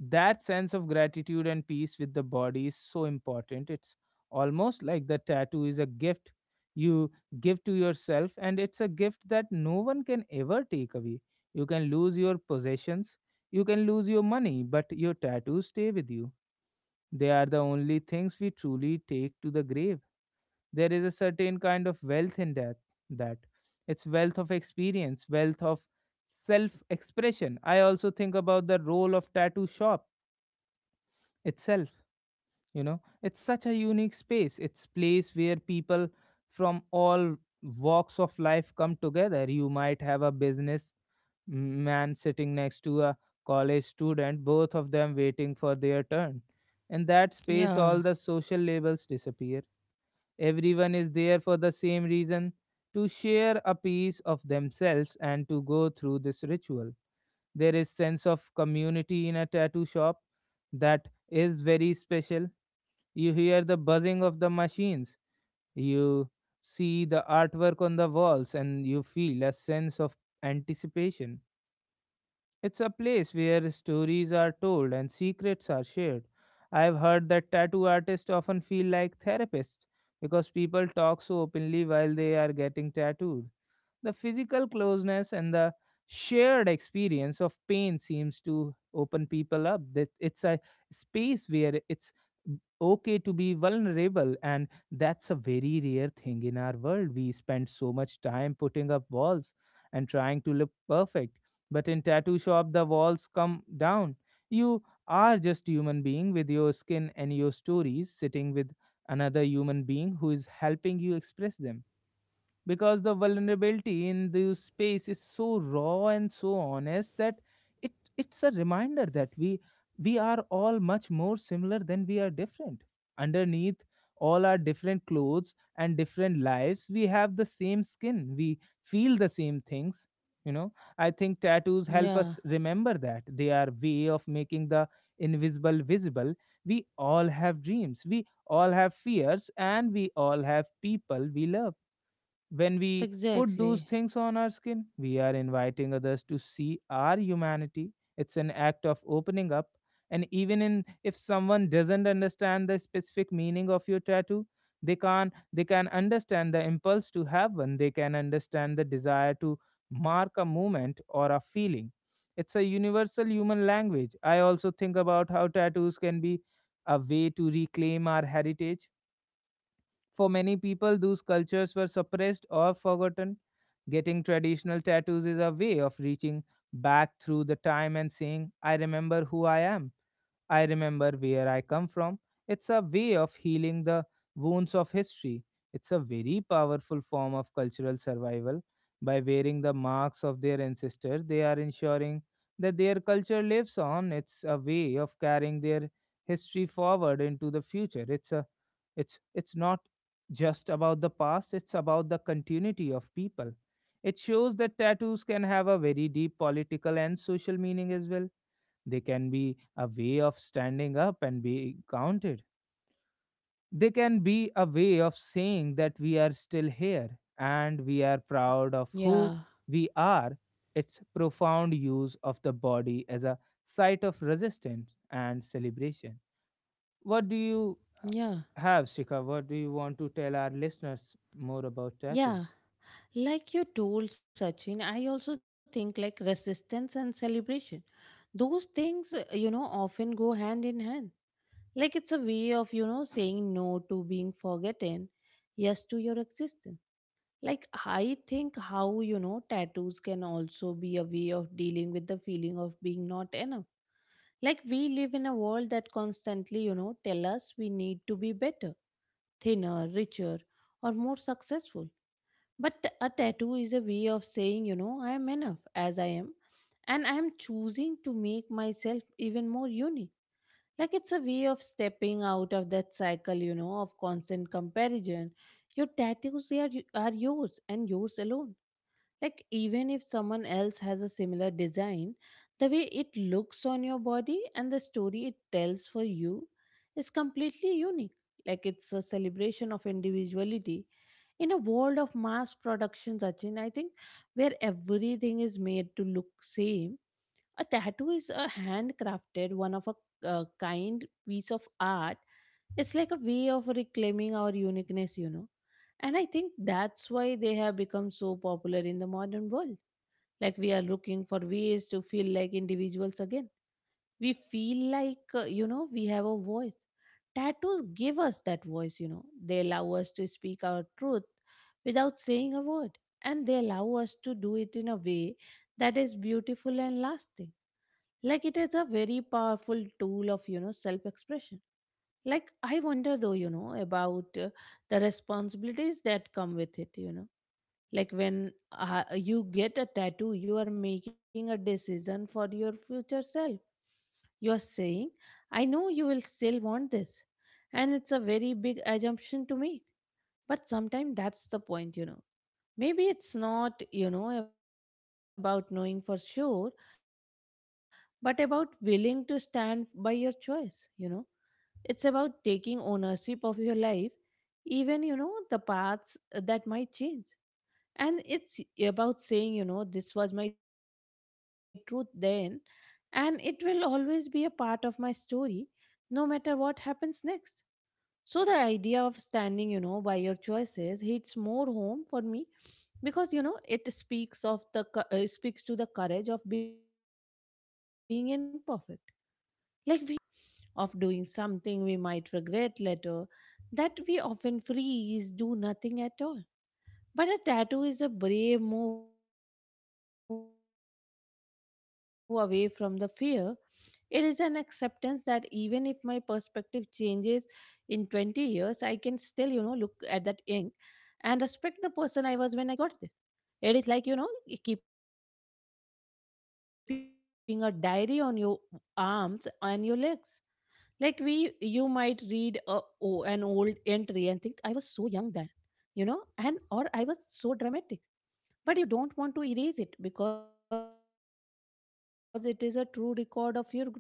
[SPEAKER 1] That sense of gratitude and peace with the body is so important. It's almost like the tattoo is a gift you give to yourself, and it's a gift that no one can ever take away. You can lose your possessions, you can lose your money, but your tattoos stay with you. They are the only things we truly take to the grave. There is a certain kind of wealth in that that It's wealth of experience, wealth of self expression. I also think about the role of tattoo shop itself. You know, it's such a unique space. It's place where people from all walks of life come together. You might have a business man sitting next to a college student, both of them waiting for their turn. In that space all
[SPEAKER 2] yeah,
[SPEAKER 1] the social labels disappear. Everyone is there for the same reason, to share a piece of themselves and to go through this ritual. There is sense of community in a tattoo shop that is very special. You hear the buzzing of the machines. You see the artwork on the walls, and you feel a sense of anticipation. It's a place where stories are told and secrets are shared. I've heard that tattoo artists often feel like therapists because people talk so openly while they are getting tattooed. The physical closeness and the shared experience of pain seems to open people up. That it's a space where it's okay to be vulnerable, and that's a very rare thing in our world. We spend so much time putting up walls and trying to look perfect, but in tattoo shop the walls come down. You are just human being with your skin and your stories, sitting with another human being who is helping you express them. Because the vulnerability in the space is so raw and so honest that it it's a reminder that we we are all much more similar than we are different. Underneath all our different clothes and different lives, we have the same skin, we feel the same things. You know, I think tattoos help
[SPEAKER 2] yeah,
[SPEAKER 1] us remember that they are way of making the invisible visible. We all have dreams, we all have fears, and we all have people we love. When we put those
[SPEAKER 2] exactly.
[SPEAKER 1] things on our skin, we are inviting others to see our humanity. It's an act of opening up. And even in, if someone doesn't understand the specific meaning of your tattoo, they can they can understand the impulse to have one. They can understand the desire to mark a moment or a feeling. It's a universal human language. I also think about how tattoos can be a way to reclaim our heritage. For many people, those cultures were suppressed or forgotten. Getting traditional tattoos is a way of reaching back through the time and saying, I remember who I am, I remember where I come from. It's a way of healing the wounds of history. It's a very powerful form of cultural survival. By wearing the marks of their ancestors, they are ensuring that their culture lives on. It's a way of carrying their history forward into the future. It's a it's it's not just about the past, it's about the continuity of people. It shows that tattoos can have a very deep political and social meaning as well. They can be a way of standing up and being counted. They can be a way of saying that we are still here and we are proud of
[SPEAKER 2] Yeah,
[SPEAKER 1] who we are. Its profound use of the body as a site of resistance and celebration. What do you
[SPEAKER 2] yeah,
[SPEAKER 1] have, Shika? What do you want to tell our listeners more about tattoos?
[SPEAKER 2] yeah, like you told, Sachin, I also think like resistance and celebration. Those things, uh, you know, often go hand in hand. Like it's a way of, you know, saying no to being forgotten, yes to your existence. Like I think how, you know, tattoos can also be a way of dealing with the feeling of being not enough. Like we live in a world that constantly, you know, tell us we need to be better, thinner, richer, or more successful. But a tattoo is a way of saying, you know, I am enough as I am, and I am choosing to make myself even more unique. Like it's a way of stepping out of that cycle, you know, of constant comparison. Your tattoos, they are, y- are yours and yours alone. Like even if someone else has a similar design, the way it looks on your body and the story it tells for you is completely unique. Like it's a celebration of individuality. In a world of mass production, Sachin, I think, where everything is made to look same, a tattoo is a handcrafted, one of a uh, kind piece of art. It's like a way of reclaiming our uniqueness, you know. And I think that's why they have become so popular in the modern world. Like, we are looking for ways to feel like individuals again. We feel like, uh, you know, we have a voice. Tattoos give us that voice, you know. They allow us to speak our truth without saying a word. And they allow us to do it in a way that is beautiful and lasting. Like it is a very powerful tool of you know self expression. Like, I wonder though, you know about uh, the responsibilities that come with it you know Like, when, uh, you get a tattoo, you are making a decision for your future self. You are saying, I know you will still want this, and it's a very big assumption to make. But sometimes that's the point you know Maybe it's not, you know about knowing for sure, but about willing to stand by your choice you know It's about taking ownership of your life, even, you know, the paths uh, that might change. And it's about saying, you know, this was my truth then, and it will always be a part of my story, no matter what happens next. So the idea of standing, you know, by your choices hits more home for me because, you know, it speaks of the, co- uh, speaks to the courage of being imperfect. Like, we, uh, Sachin, are also afraid of making mistakes, you know of doing something we might regret later, that we often freeze, do nothing at all. But a tattoo is a brave move away from the fear. It is an acceptance that even if my perspective changes in 20 years, I can still, you know look at that ink and respect the person I was when I got there. It is like, you know, keeping a diary on your arms and your legs. Like, we you might read a, o- an old entry and think, I was so young then, you know, and or I was so dramatic. But you don't want to erase it because it is a true record of your growth.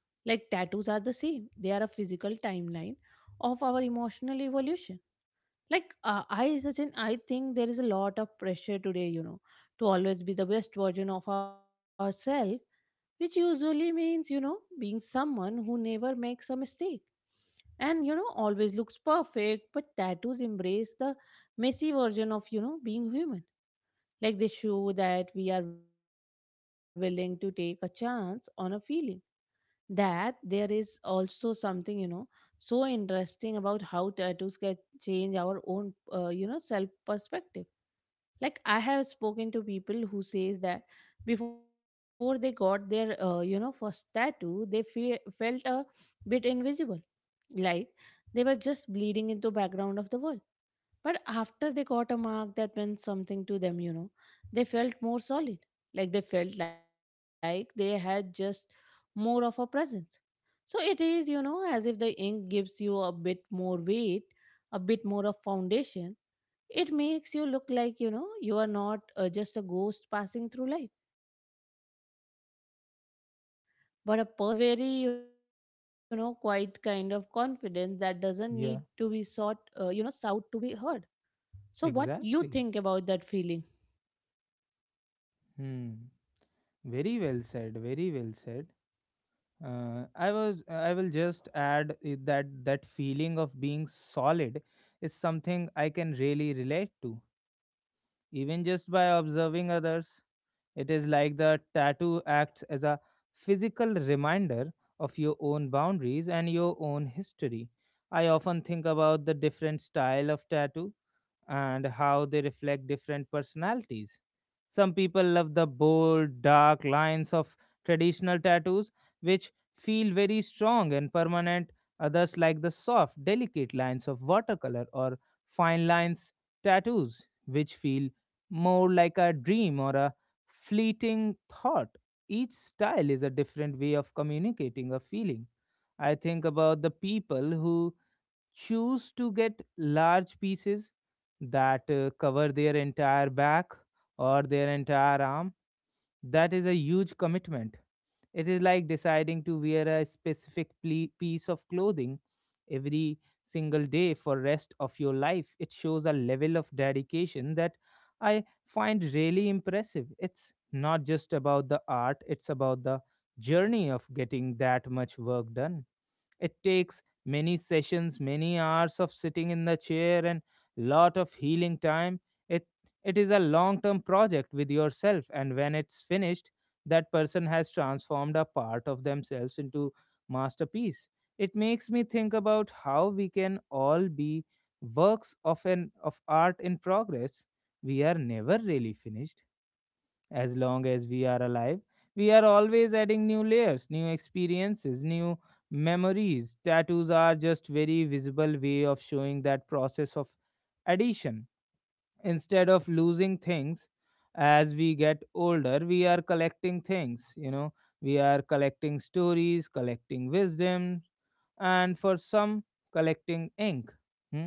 [SPEAKER 2] Like tattoos are the same. They are a physical timeline of our emotional evolution. Like, uh, I Sachin, I think there is a lot of pressure today, you know to always be the best version of ourselves, which usually means, you know being someone who never makes a mistake and, you know always looks perfect. But tattoos embrace the messy version of you know being human. Like they show that we are willing to take a chance on a feeling. That there is also something, you know, so interesting about how tattoos can change our own, uh, you know, self perspective. Like I have spoken to people who says that before they got their, uh, you know, first tattoo, they fe- felt a bit invisible, like they were just bleeding into background of the world. But after they got a mark that meant something to them, you know, they felt more solid. Like they felt like they had just more of a presence. So it is, you know, as if the ink gives you a bit more weight, a bit more of foundation. It makes you look like, you know, you are not uh, just a ghost passing through life, but a person with a story that is worth telling. So it is very, you know, quite kind of confidence that doesn't need to be sought,
[SPEAKER 1] Yeah.
[SPEAKER 2] uh, you know, sought to be heard. So what you think
[SPEAKER 1] Exactly.
[SPEAKER 2] about that feeling?
[SPEAKER 1] Hmm. Very well said. Very well said. Uh, I was. I will just add i- that that feeling of being solid is something I can really relate to, even just by observing others. It is like the tattoo acts as a physical reminder of your own boundaries and your own history. I often think about the different style of tattoo and how they reflect different personalities. Some people love the bold, dark lines of traditional tattoos, which feel very strong and permanent. Others like the soft, delicate lines of watercolor or fine lines tattoos, which feel more like a dream or a fleeting thought. Each style is a different way of communicating a feeling. I think about the people who choose to get large pieces that uh, cover their entire back or their entire arm. That is a huge commitment. It is like deciding to wear a specific ple- piece of clothing every single day for rest of your life. It shows a level of dedication that I find really impressive. It's not just about the art, it's about the journey of getting that much work done. It takes many sessions, many hours of sitting in the chair and lot of healing time. It it is a long-term project with yourself, and when it's finished, that person has transformed a part of themselves into masterpiece. It makes me think about how we can all be works of an of art in progress. We are never really finished. As long as we are alive, we are always adding new layers, new experiences, new memories. Tattoos are just very visible way of showing that process of addition. Instead of losing things as we get older, we are collecting things, you know, we are collecting stories, collecting wisdom, and for some, collecting ink. Hmm?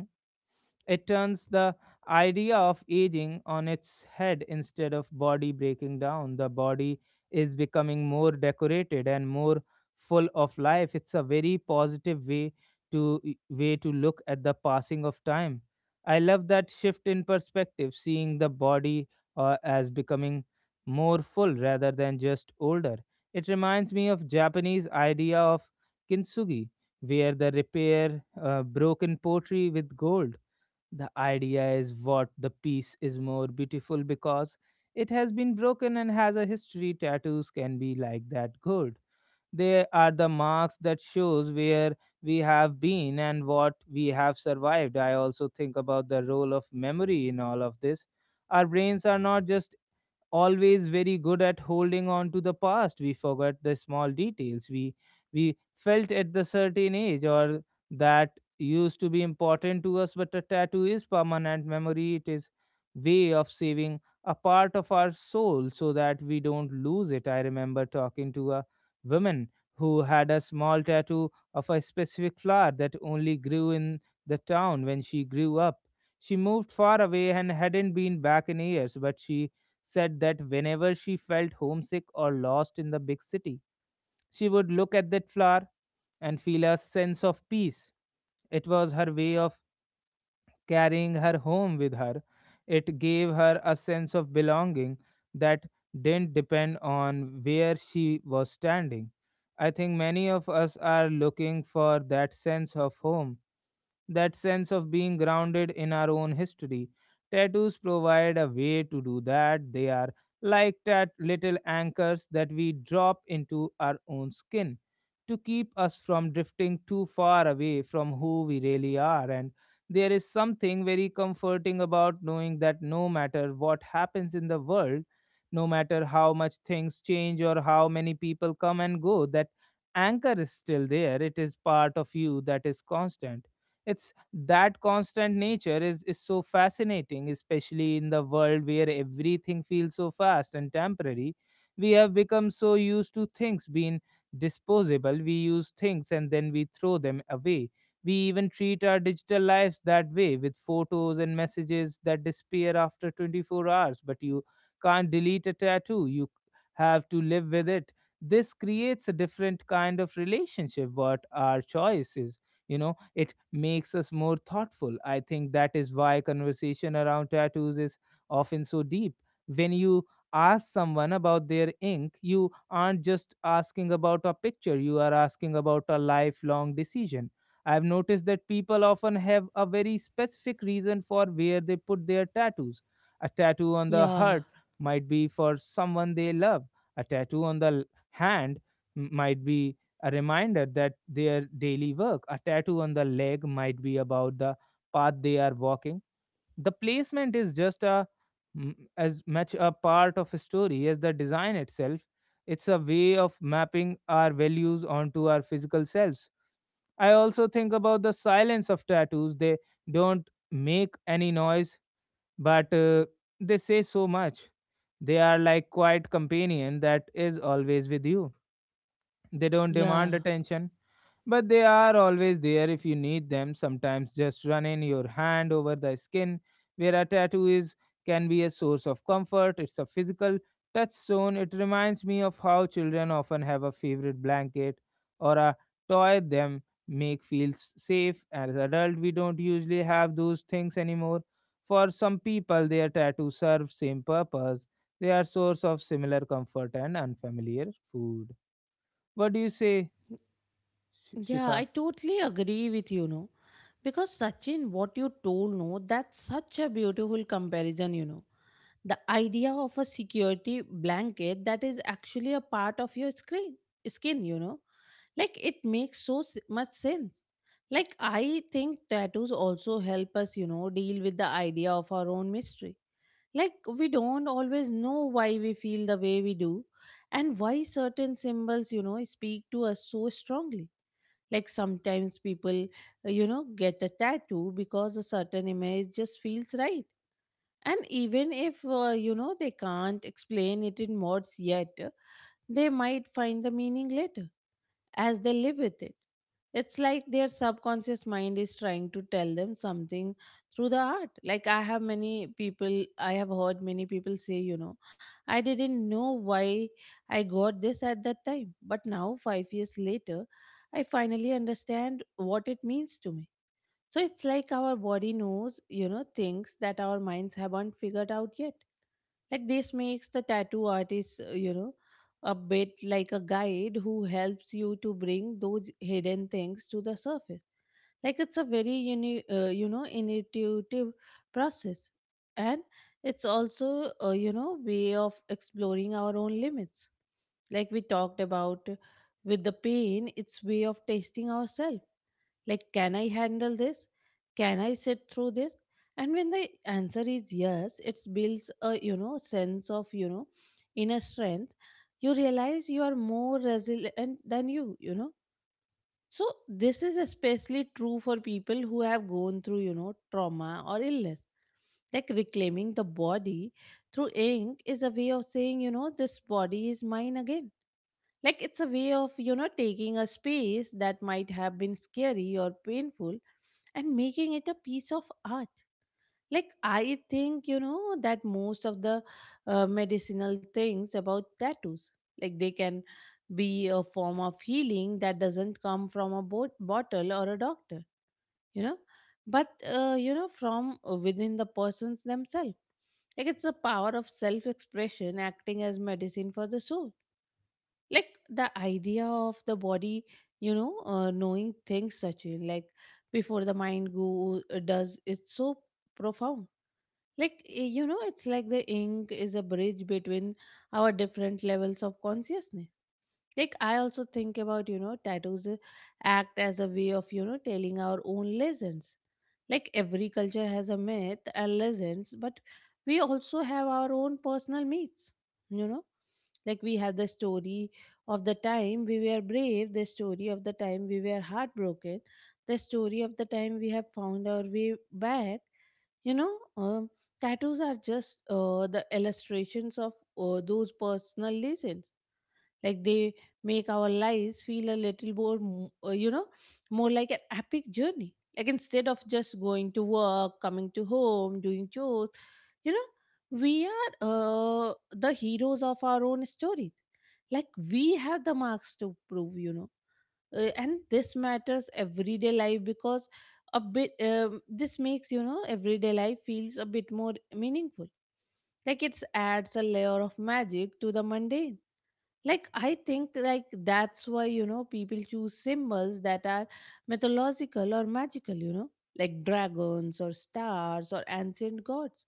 [SPEAKER 1] It turns the idea of aging on its head instead of body breaking down. The body is becoming more decorated and more full of life. It's a very positive way to way to look at the passing of time. I love that shift in perspective, seeing the body uh, as becoming more full rather than just older. It reminds me of Japanese idea of kintsugi, where the repair uh, broken pottery with gold. The idea is what the piece is more beautiful because it has been broken and has a history. Tattoos can be like that good. They are the marks that shows where we have been and what we have survived. I also think about the role of memory in all of this. Our brains are not just always very good at holding on to the past. We forgot the small details. We we felt at the certain age or that used to be important to us, but a tattoo is permanent memory. It is way of saving a part of our soul so that we don't lose it. I remember talking to a woman who had a small tattoo of a specific flower that only grew in the town when she grew up. She moved far away and hadn't been back in years, but she said that whenever she felt homesick or lost in the big city, she would look at that flower and feel a sense of peace. It was her way of carrying her home with her. It gave her a sense of belonging that didn't depend on where she was standing. I think many of us are looking for that sense of home, that sense of being grounded in our own history. Tattoos provide a way to do that. They are like that little anchors that we drop into our own skin to keep us from drifting too far away from who we really are. And there is something very comforting about knowing that no matter what happens in the world, no matter how much things change or how many people come and go, that anchor is still there. It is part of you that is constant. It's that constant nature is, is so fascinating, especially in the world where everything feels so fast and temporary. We have become so used to things being disposable. We use things and then we throw them away. We even treat our digital lives that way with photos and messages that disappear after twenty-four hours, but you can't delete a tattoo. You have to live with it. This creates a different kind of relationship, what our choice is. You know, it makes us more thoughtful. I think that is why conversation around tattoos is often so deep. When you ask someone about their ink, you aren't just asking about a picture, you are asking about a lifelong decision. I've noticed that people often have a very specific reason for where they put their tattoos. A tattoo on the
[SPEAKER 2] Yeah,
[SPEAKER 1] heart might be for someone they love, a tattoo on the l- hand m- might be a reminder that their daily work, a tattoo on the leg might be about the path they are walking. The placement is just a mm, as much a part of a story as the design itself. It's a way of mapping our values onto our physical selves. I also think about the silence of tattoos. They don't make any noise, but uh, they say so much. They are like quiet companion that is always with you. They don't demand
[SPEAKER 2] yeah,
[SPEAKER 1] attention, but they are always there if you need them. Sometimes just running your hand over the skin where a tattoo is can be a source of comfort. It's a physical touchstone. It reminds me of how children often have a favorite blanket or a toy them make feel s- safe. As adults, we don't usually have those things anymore. For some people, their tattoos serve same purpose. They are source of similar comfort and unfamiliar food. What do you say, Sh-
[SPEAKER 2] yeah. I
[SPEAKER 1] Shikha?
[SPEAKER 2] totally agree with you, know, because, Sachin, what you told, no, that's such a beautiful comparison, you know. The idea of a security blanket that is actually a part of your screen, skin, you know, like it makes so s- much sense. Like, I think tattoos also help us, you know, deal with the idea of our own mystery. Like, we don't always know why we feel the way we do and why certain symbols, you know, speak to us so strongly. Like, sometimes people, uh, you know, get a tattoo because a certain image just feels right. And even if, uh, you know, they can't explain it in words yet, they might find the meaning later as they live with it. It's like their subconscious mind is trying to tell them something through the art. Like, I have many people, I have heard many people say, you know, I didn't know why I got this at that time. But now, five years later, I finally understand what it means to me. So it's like our body knows, you know, things that our minds haven't figured out yet. Like this makes the tattoo artist, uh, you know a bit like a guide who helps you to bring those hidden things to the surface. Like it's a very uni- uh, you know intuitive process. And it's also a you know way of exploring our own limits. Like we talked about with the pain, it's way of testing ourselves. Like, can I handle this? Can I sit through this? And when the answer is yes, it builds a you know sense of you know inner strength. You realize you are more resilient than you you know. So this is especially true for people who have gone through, you know trauma or illness, like reclaiming the body through ink is a way of saying, you know this body is mine again. Like it's a way of, you know, taking a space that might have been scary or painful and making it a piece of art. Like, I think, you know, that most of the uh, medicinal things about tattoos, like they can be a form of healing that doesn't come from a bo- bottle or a doctor, you know, but, uh, you know, from uh, within the persons themselves. Like it's a power of self expression acting as medicine for the soul. Like the idea of the body you know uh, knowing things such like before the mind go uh, does, it's so profound. Like, eh, you know it's like the ink is a bridge between our different levels of consciousness. Like, I also think about, you know tattoos eh, act as a way of, you know telling our own lessons. Like every culture has a myth and legends, but we also have our own personal myths, you know? Like we have the story of the time we were brave, the story of the time we were heartbroken, the story of the time we have found our way back. You know, um, Tattoos are just uh, the illustrations of uh, those personal legends, like they make our lives feel a little more m- uh, you know more like an epic journey, like instead of just going to work, coming to home, doing chores, you know, we are uh, the heroes of our own stories, like we have the marks to prove, you know Uh, and this matters everyday life because a bit um, this makes, you know everyday life feels a bit more meaningful, like it adds a layer of magic to the mundane. Like i think, like that's why, you know, people choose symbols that are mythological or magical, you know, like dragons or stars or ancient gods.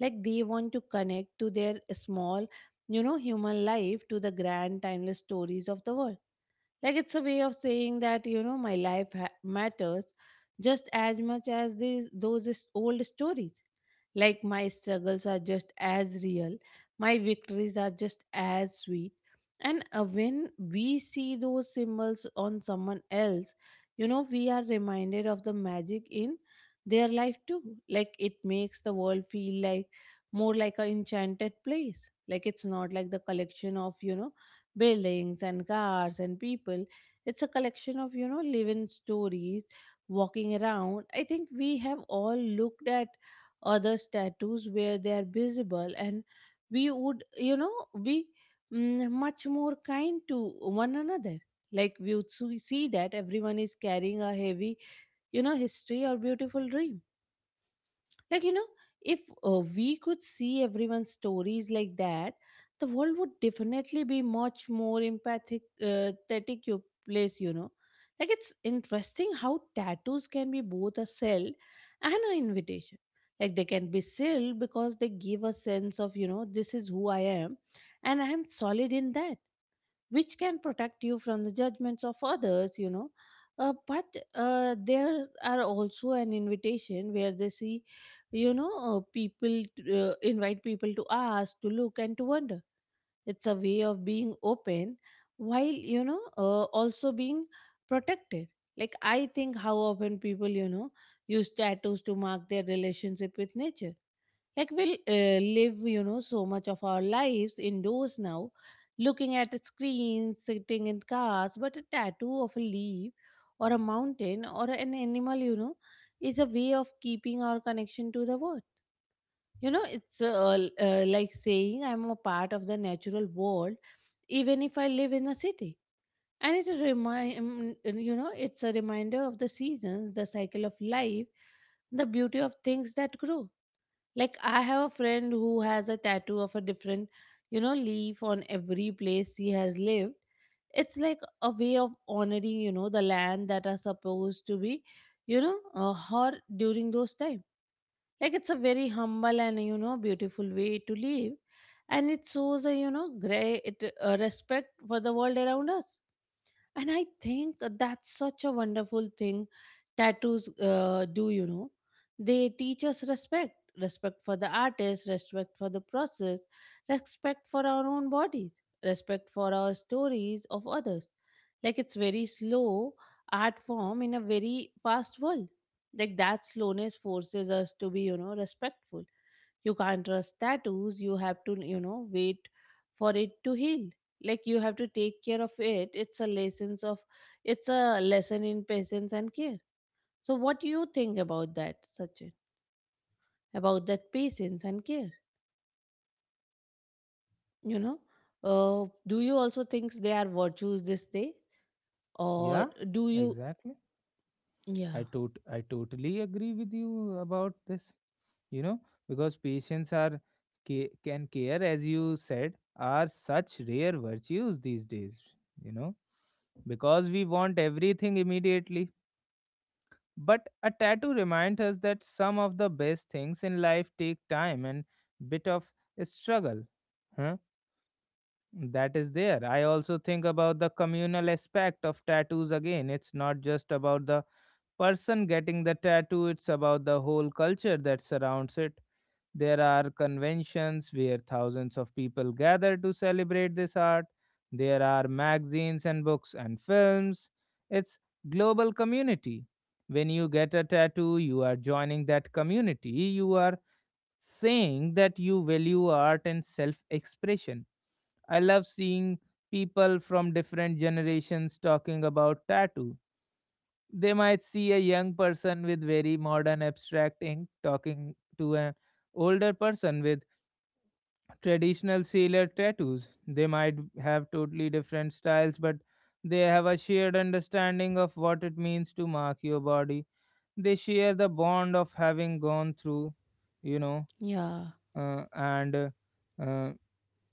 [SPEAKER 2] Like they want to connect to their small, you know human life to the grand timeless stories of the world. Like it's a way of saying that, you know my life ha- matters just as much as these, those is- old stories. Like my struggles are just as real, my victories are just as sweet. And uh, when we see those symbols on someone else, you know, we are reminded of the magic in their life too. Like it makes the world feel like more like an enchanted place. Like it's not like the collection of, you know, buildings and cars and people. It's a collection of, you know, living stories walking around. I think we have all looked at other tattoos where they are visible and we would, you know be mm, much more kind to one another. Like we would see see that everyone is carrying a heavy, you know history or beautiful dream. Like, you know, if uh, we could see everyone's stories like that, the world would definitely be much more empathic, uh, pathetic you place, you know. Like, it's interesting how tattoos can be both a sell and an invitation. Like, they can be sealed because they give a sense of, you know, this is who I am and I am solid in that, which can protect you from the judgments of others, you know. Uh, but uh, there are also an invitation where they see, you know, uh, people t- uh, invite people to ask, to look, and to wonder. It's a way of being open while, you know, uh, also being protected. Like, I think how often people, you know, use tattoos to mark their relationship with nature, like we'll uh, live, you know, so much of our lives indoors now, looking at screens, sitting in cars, but a tattoo of a leaf or a mountain or an animal, you know, is a way of keeping our connection to the world. You know, it's uh, l- uh, like saying I'm a part of the natural world, even if I live in a city. And it remind you know, it's a reminder of the seasons, the cycle of life, the beauty of things that grow. Like I have a friend who has a tattoo of a different, you know, leaf on every place he has lived. It's like a way of honoring, you know, the land that are supposed to be, you know, uh, her during those time. Like it's a very humble and, you know beautiful way to live, and it shows a, you know great uh, respect for the world around us. And I think that's such a wonderful thing tattoos uh, do, you know. They teach us respect respect for the artist, respect for the process, respect for our own bodies, respect for our stories of others. Like it's very slow art form in a very fast world. Like that slowness forces us to be, you know, respectful. You can't trust tattoos, you have to, you know wait for it to heal. Like you have to take care of it. It's a lessons of it's a lesson in patience and care. So what do you think about that, Sachin? About that patience and care, you know uh, do you also think they are virtues this day, or
[SPEAKER 1] Yeah,
[SPEAKER 2] do you
[SPEAKER 1] exactly. I
[SPEAKER 2] yeah?
[SPEAKER 1] tot- I totally agree with you about this. You know, because patience are ca- can care, as you said, are such rare virtues these days. You know, because we want everything immediately. But a tattoo reminds us that some of the best things in life take time and bit of struggle. Huh? That is there. I also think about the communal aspect of tattoos again. It's not just about the person getting the tattoo, it's about the whole culture that surrounds it. There are conventions where thousands of people gather to celebrate this art. There are magazines and books and films. It's global community. When you get a tattoo, you are joining that community. You are saying that you value art and self-expression. I love seeing people from different generations talking about tattoo. They might see a young person with very modern abstract ink talking to an older person with traditional sailor tattoos. They might have totally different styles, but they have a shared understanding of what it means to mark your body. They share the bond of having gone through, you know,
[SPEAKER 2] Yeah.
[SPEAKER 1] uh, and uh,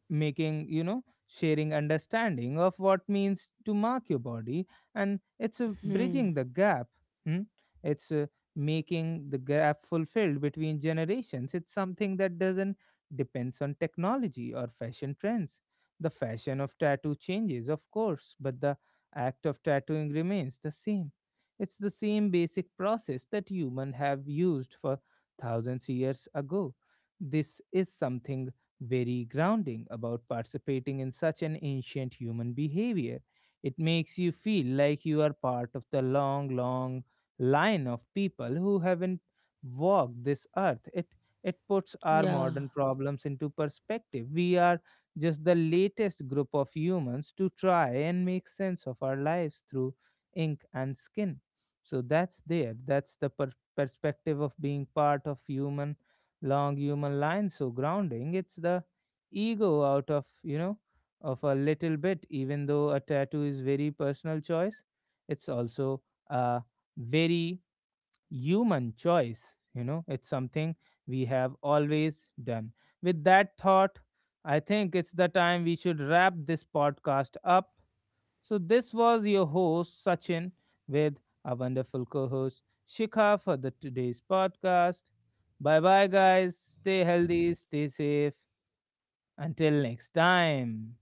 [SPEAKER 1] making you know sharing understanding of what means to mark your body, and it's uh,
[SPEAKER 2] Hmm.
[SPEAKER 1] bridging the gap. Hmm? It's uh, making the gap fulfilled between generations. It's something that doesn't depends on technology or fashion trends. The fashion of tattoo changes, of course, but the act of tattooing remains the same. It's the same basic process that human have used for thousands years ago. This is something very grounding about participating in such an ancient human behavior. It makes you feel like you are part of the long, long line of people who haven't walked this earth. It it puts our modern
[SPEAKER 2] Yeah.
[SPEAKER 1] problems into perspective. We are just the latest group of humans to try and make sense of our lives through ink and skin. So that's there. That's the per- perspective of being part of human long human line, so grounding. It's the ego out of you know of a little bit. Even though a tattoo is very personal choice, it's also a very human choice, you know. It's something we have always done. With that thought, I think it's the time we should wrap this podcast up. So, this was your host, Sachin, with our wonderful co host, Shikha, for the today's podcast. Bye bye, guys. Stay healthy, stay safe. Until next time.